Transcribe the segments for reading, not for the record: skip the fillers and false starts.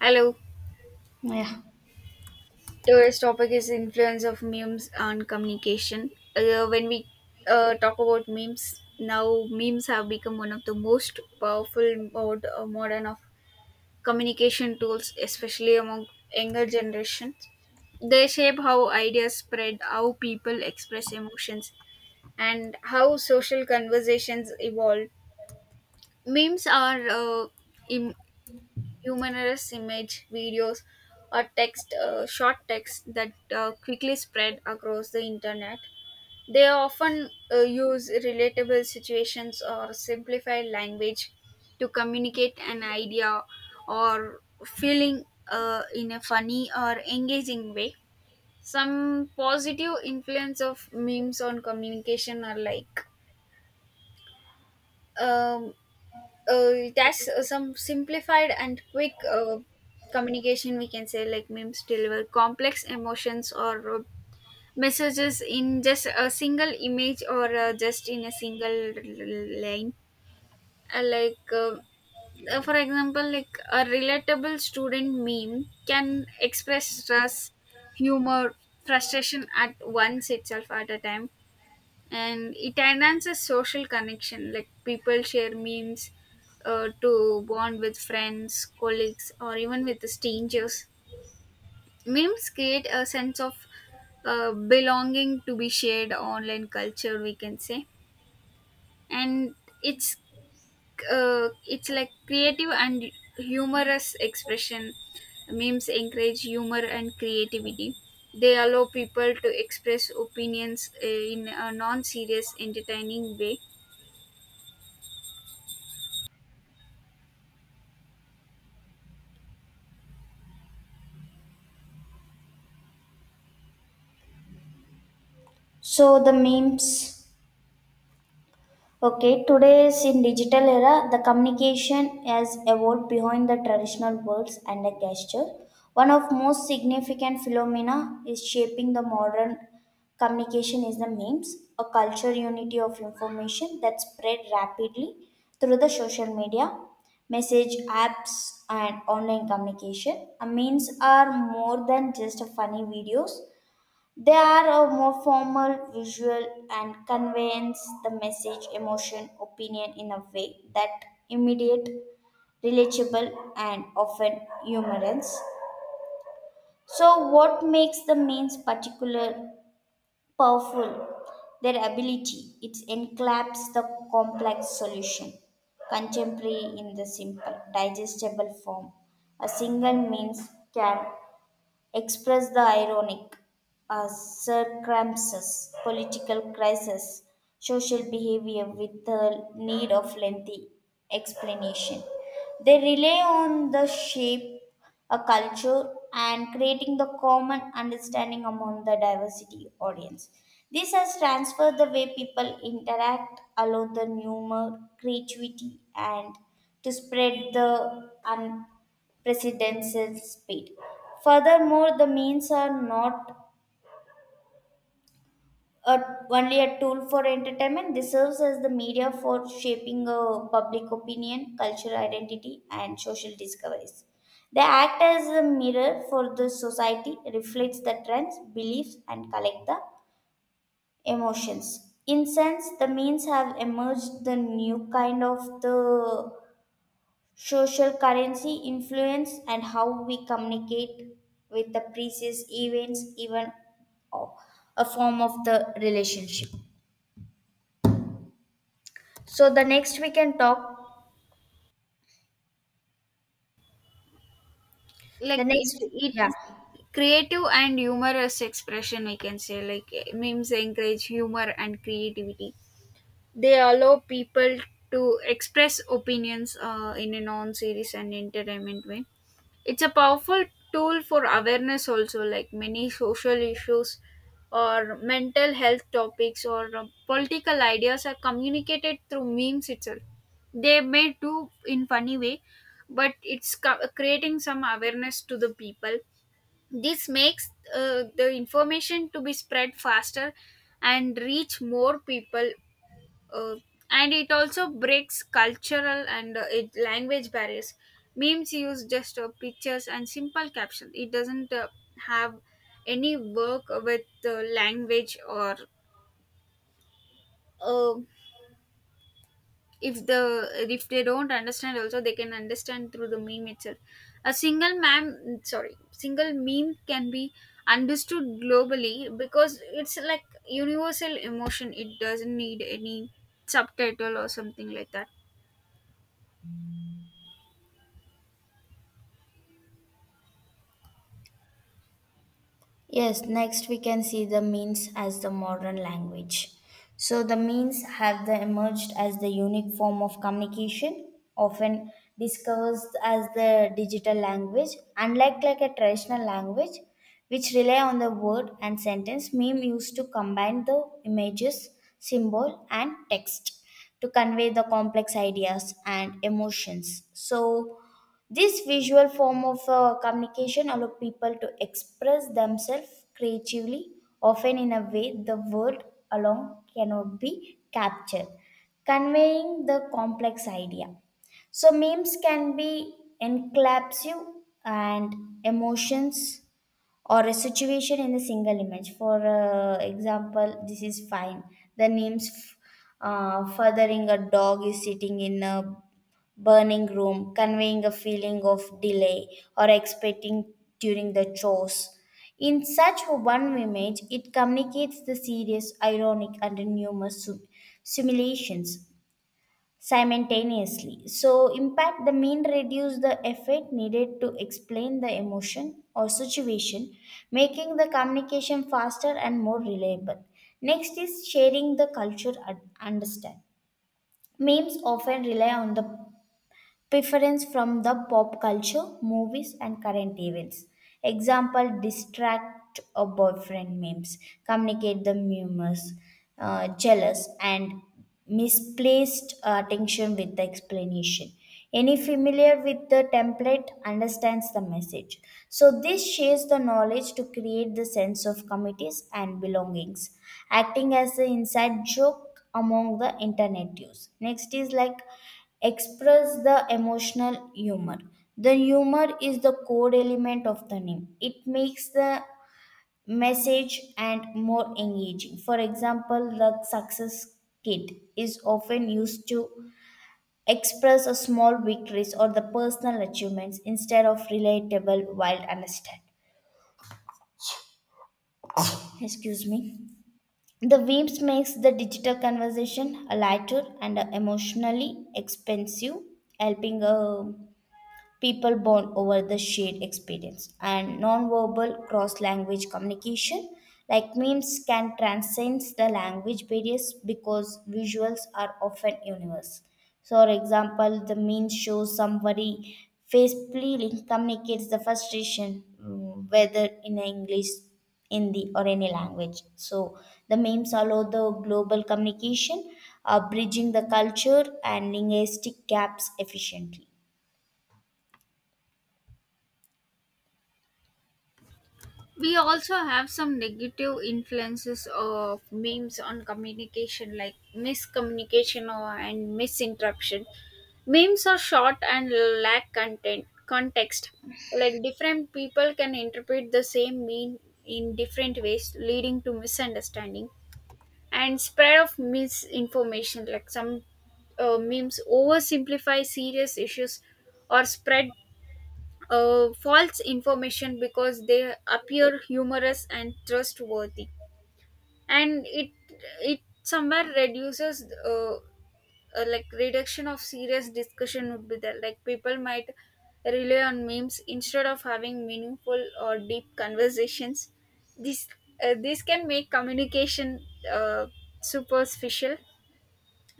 Hello. Yeah. Today's topic is influence of memes on communication. When we talk about memes, now memes have become one of the most powerful modern of communication tools, especially among younger generations. They shape how ideas spread, how people express emotions, and how social conversations evolve. Memes are im- humorous image, videos, or text, short text that quickly spread across the internet. They often use relatable situations or simplified language to communicate an idea or feeling in a funny or engaging way. Some positive influence of memes on communication are like um, that's some simplified and quick communication, we can say, like memes deliver complex emotions or messages in just a single image or just in a single line. Like, for example, like a relatable student meme can express stress, humor, frustration at once itself at a time. And it enhances social connection, like people share memes to bond with friends, colleagues, or even with the strangers. Memes create a sense of belonging to be shared online culture, we can say. And it's it's like creative and humorous expression. Memes encourage humor and creativity. They allow people to express opinions in a non-serious entertaining way. So the memes. Okay, today's in digital era, the communication has evolved behind the traditional words and the gesture. One of most significant phenomena is shaping the modern communication is the memes, a culture unity of information that spread rapidly through the social media, message apps, and online communication. Memes are more than just funny videos. They are a more formal visual and conveys the message, emotion, opinion in a way that immediate, relatable, and often humorous. So, what makes the means particular powerful? Their ability it enclaps the complex solution, contemporary in the simple, digestible form. A single means can express the ironic circumstances, political crisis, social behavior with the need of lengthy explanation. They rely on the shape a culture and creating the common understanding among the diversity audience. This has transferred the way people interact, allow the humor, creativity, and to spread the presidential speed. Furthermore, the means are not a, only a tool for entertainment, they serve as the media for shaping a public opinion, cultural identity, and social discoveries. They act as a mirror for the society, reflects the trends, beliefs, and collect the emotions. In sense, the means have emerged the new kind of the social currency influence and how we communicate with the previous events, even o- a form of the relationship. So the next we can talk. The like it, next, it yeah. creative and humorous expression, we can say. Like memes encourage humor and creativity, they allow people to express opinions in a non-serious and entertainment way. It's a powerful tool for awareness also, like many social issues or mental health topics or political ideas are communicated through memes itself. They may do in funny way, but it's creating some awareness to the people. This makes the information to be spread faster and reach more people. Uh, and it also breaks cultural and language barriers. Memes use just pictures and simple captions. It doesn't have any work with language or uh, if the if they don't understand also, they can understand through the meme itself. A single meme, sorry, single meme can be understood globally because it's like universal emotion. It doesn't need any subtitle or something like that. Yes, next we can see the means as the modern language. So the means have the emerged as the unique form of communication, often discussed as the digital language, unlike like a traditional language, which rely on the word and sentence. Meme used to combine the images, symbol, and text to convey the complex ideas and emotions. So this visual form of communication allows people to express themselves creatively, often in a way the word alone cannot be captured, conveying the complex idea. So, memes can be encapsulative and emotions or a situation in a single image. For example, this is fine. The names f- Furthering a dog is sitting in a burning room, conveying a feeling of delay or expecting during the chores. In such one image, it communicates the serious, ironic, and numerous simulations simultaneously. So, impact the mean reduce the effort needed to explain the emotion or situation, making the communication faster and more reliable. Next is sharing the culture and understand. Memes often rely on the preference from the pop culture, movies, and current events. Example distract a boyfriend memes, communicate the rumors, jealous, and misplaced attention with the explanation. Any familiar with the template understands the message. So, this shares the knowledge to create the sense of committees and belongings, acting as the inside joke among the internet use. Next is like express the emotional humor. The humor is the core element of the name. It makes the message and more engaging. For example, the success kit is often used to express a small victories or the personal achievements instead of relatable wild understand. Excuse me. The Weems makes the digital conversation a lighter and a emotionally expensive, helping people bond over the shared experience, and nonverbal cross language communication, like memes, can transcend the language barriers because visuals are often universal. So, for example, the meme shows somebody face pleading communicates the frustration, mm, whether in English, Hindi, or any language. So, the memes allow the global communication, bridging the culture and linguistic gaps efficiently. We also have some negative influences of memes on communication, like miscommunication or, and misinterruption. Memes are short and lack content context. Like different people can interpret the same meme in different ways, leading to misunderstanding and spread of misinformation. Like some memes oversimplify serious issues or spread false information because they appear humorous and trustworthy. And it somewhere reduces like reduction of serious discussion would be there, like people might rely on memes instead of having meaningful or deep conversations. This uh, this can make communication uh, superficial.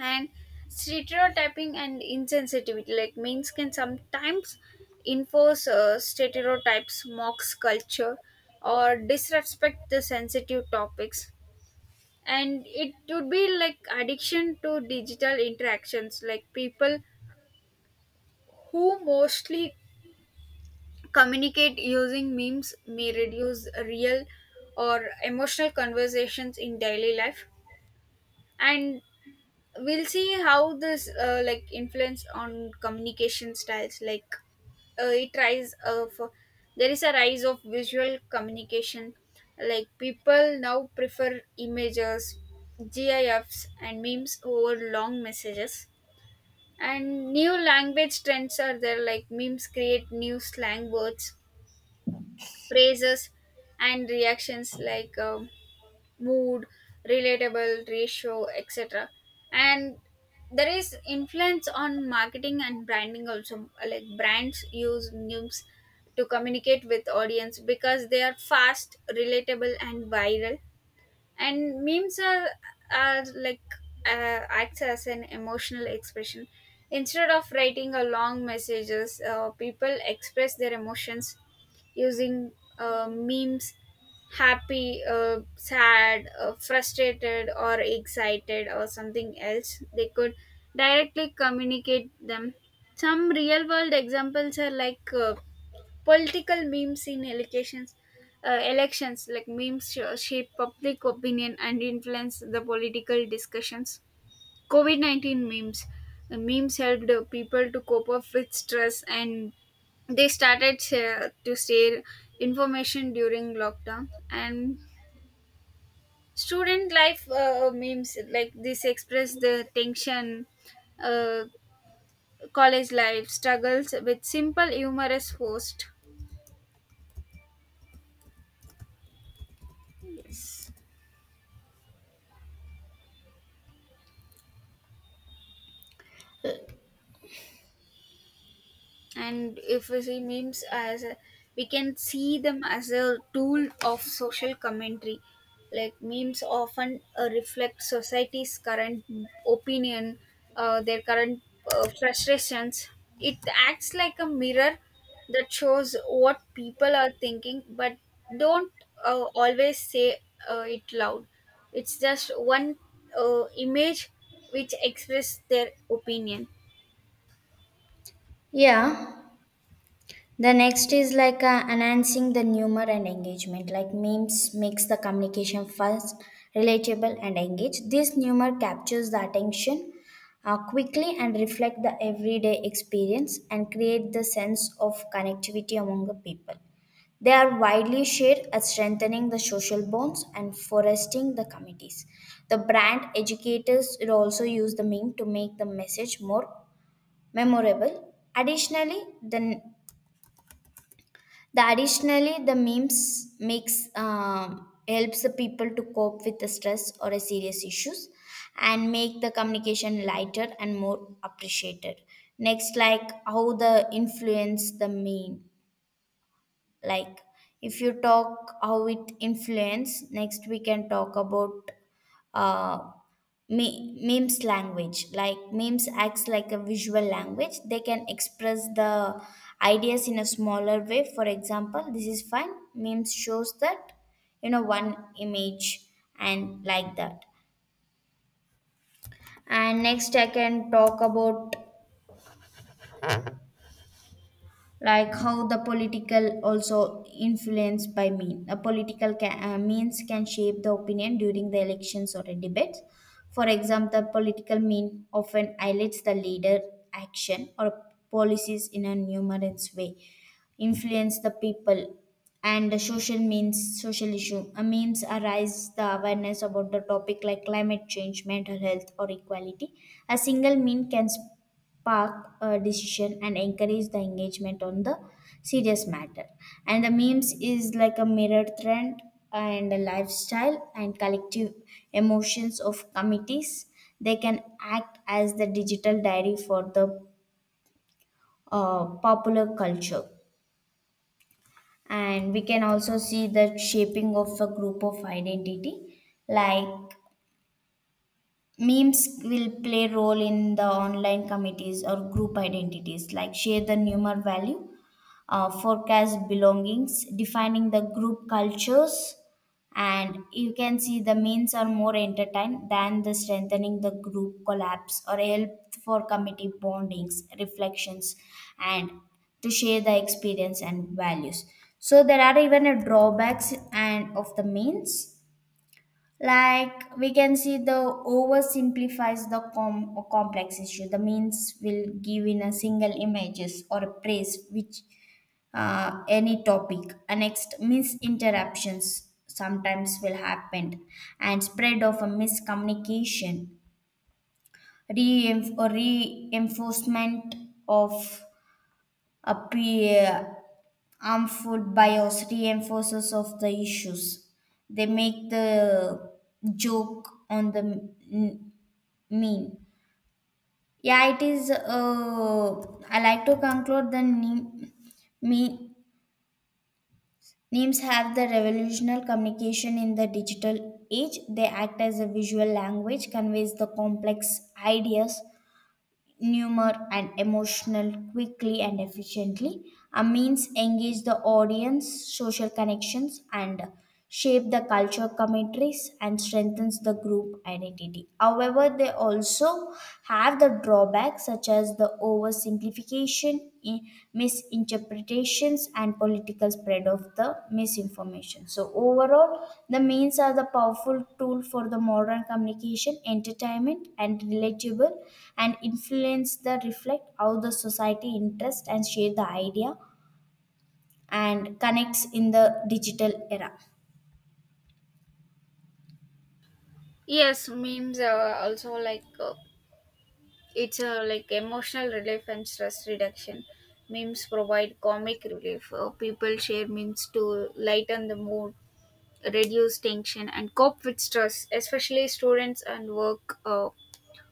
And stereotyping and insensitivity, like memes can sometimes enforce stereotypes, mocks culture, or disrespect the sensitive topics. And it would be like addiction to digital interactions, like people who mostly communicate using memes may reduce real or emotional conversations in daily life. And we'll see how this like influence on communication styles, like it rise of there is a rise of visual communication, like people now prefer images, gifs, and memes over long messages. And new language trends are there, like memes create new slang words, phrases, and reactions like mood, relatable ratio, etc. And there is influence on marketing and branding also. Like brands use memes to communicate with audience because they are fast, relatable, and viral. And memes are like acts as an emotional expression. Instead of writing a long messages, people express their emotions using memes. Happy, sad, frustrated, or excited, or something else, they could directly communicate them. Some real world examples are like political memes in elections. Elections, like memes shape public opinion and influence the political discussions. COVID-19 memes, the memes helped people to cope up with stress, and they started to share information during lockdown. And student life memes like this express the tension, uh, college life struggles with simple humorous host. Yes. And if we see memes as a, we can see them as a tool of social commentary. Like memes often reflect society's current opinion, their current frustrations. It acts like a mirror that shows what people are thinking but don't always say it loud. It's just one image which express their opinion. Yeah. The next is like enhancing the humor and engagement. Like memes makes the communication fast, relatable, and engaged. This humor captures the attention quickly and reflect the everyday experience and create the sense of connectivity among the people. They are widely shared as strengthening the social bonds and foresting the committees. The brand educators will also use the meme to make the message more memorable. Additionally, the additionally the memes makes helps the people to cope with the stress or a serious issues and make the communication lighter and more appreciated. Next like how the influence the meme. Like if you talk how it influence, next we can talk about uh, memes language. Like memes acts like a visual language, they can express the ideas in a smaller way. For example, this is fine memes shows that you know one image and like that. And next I can talk about like how the political also influenced by mean. A political means can shape the opinion during the elections or a debate. For example, political mean often highlights the leader action or policies in a numerous way, influence the people. And the social means, social issue means arise the awareness about the topic like climate change, mental health, or equality. A single mean can spark a decision and encourage the engagement on the serious matter. And the memes is like a mirror trend and a lifestyle and collective emotions of committees. They can act as the digital diary for the popular culture. And we can also see the shaping of a group of identity. Like memes will play role in the online committees or group identities, like share the numeric value, forecast belongings, defining the group cultures, and you can see the memes are more entertained than the strengthening the group collapse or help for committee bondings, reflections, and to share the experience and values. So there are even a drawbacks and of the memes. Like we can see the oversimplifies the complex issue. The means will give in a single images or a praise which any topic. And next misinterruptions sometimes will happen and spread of a miscommunication, re or reinforcement of a peer armed food bias reinforces of the issues. They make the joke on the mean. Yeah, it is. I like to conclude the name, me, memes have the revolutionary communication in the digital age. They act as a visual language, conveys the complex ideas humor and emotional quickly and efficiently. Our means engage the audience, social connections, and shape the culture commentaries and strengthens the group identity. However, they also have the drawbacks such as the oversimplification misinterpretation, misinterpretations and political spread of the misinformation. So overall, the memes are the powerful tool for the modern communication, entertainment and relatable and influence the reflect how the society interest and share the idea and connects in the digital era. Yes, memes are also like it's a like emotional relief and stress reduction. Memes provide comic relief. People share memes to lighten the mood, reduce tension, and cope with stress. Especially students and work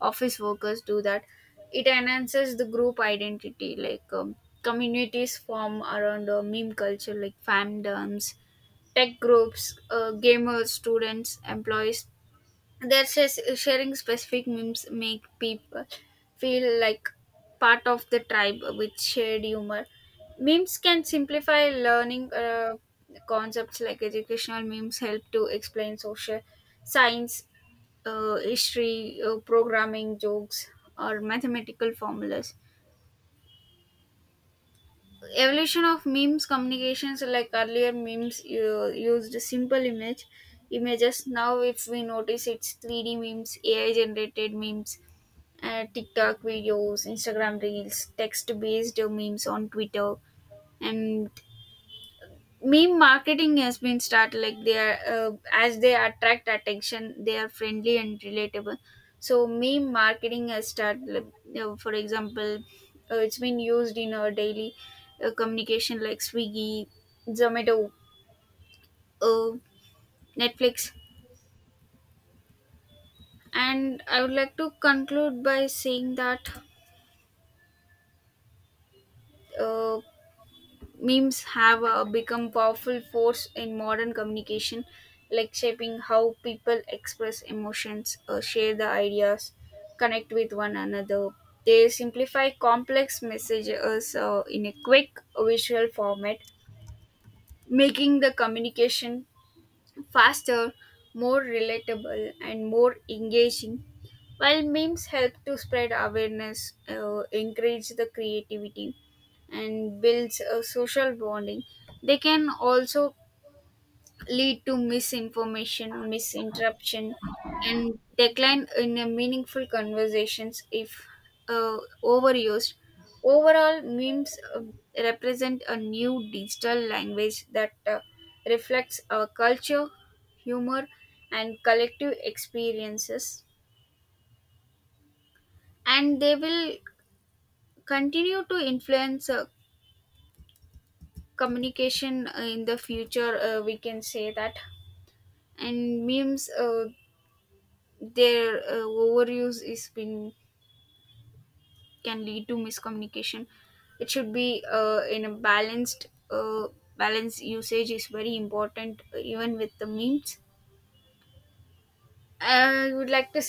office workers do that. It enhances the group identity. Like communities form around meme culture, like fandoms, tech groups, gamers, students, employees, their says sharing specific memes make people feel like part of the tribe with shared humor. Memes can simplify learning concepts, like educational memes help to explain social science, history, programming jokes, or mathematical formulas. Evolution of memes communications, like earlier memes used simple images. Now, if we notice, it's 3D memes, AI generated memes, TikTok videos, Instagram reels, text-based memes on Twitter, and meme marketing has been started. Like they are as they attract attention, they are friendly and relatable. So meme marketing has started. Like, for example, it's been used in our daily communication, like Swiggy, Zomato, uh, Netflix. And I would like to conclude by saying that. Uh, memes have become powerful force in modern communication, like shaping how people express emotions, share the ideas, connect with one another. They simplify complex messages in a quick visual format, making the communication faster, more relatable, and more engaging. While memes help to spread awareness, encourage the creativity, and builds a social bonding, they can also lead to misinformation, misinterruption, and decline in a meaningful conversations if uh, overused. Overall, memes represent a new digital language that reflects our culture, humor, and collective experiences. And they will continue to influence communication in the future, we can say that. And memes, their overuse is been can lead to miscommunication. It should be in a balanced balanced usage is very important even with the memes. I would like to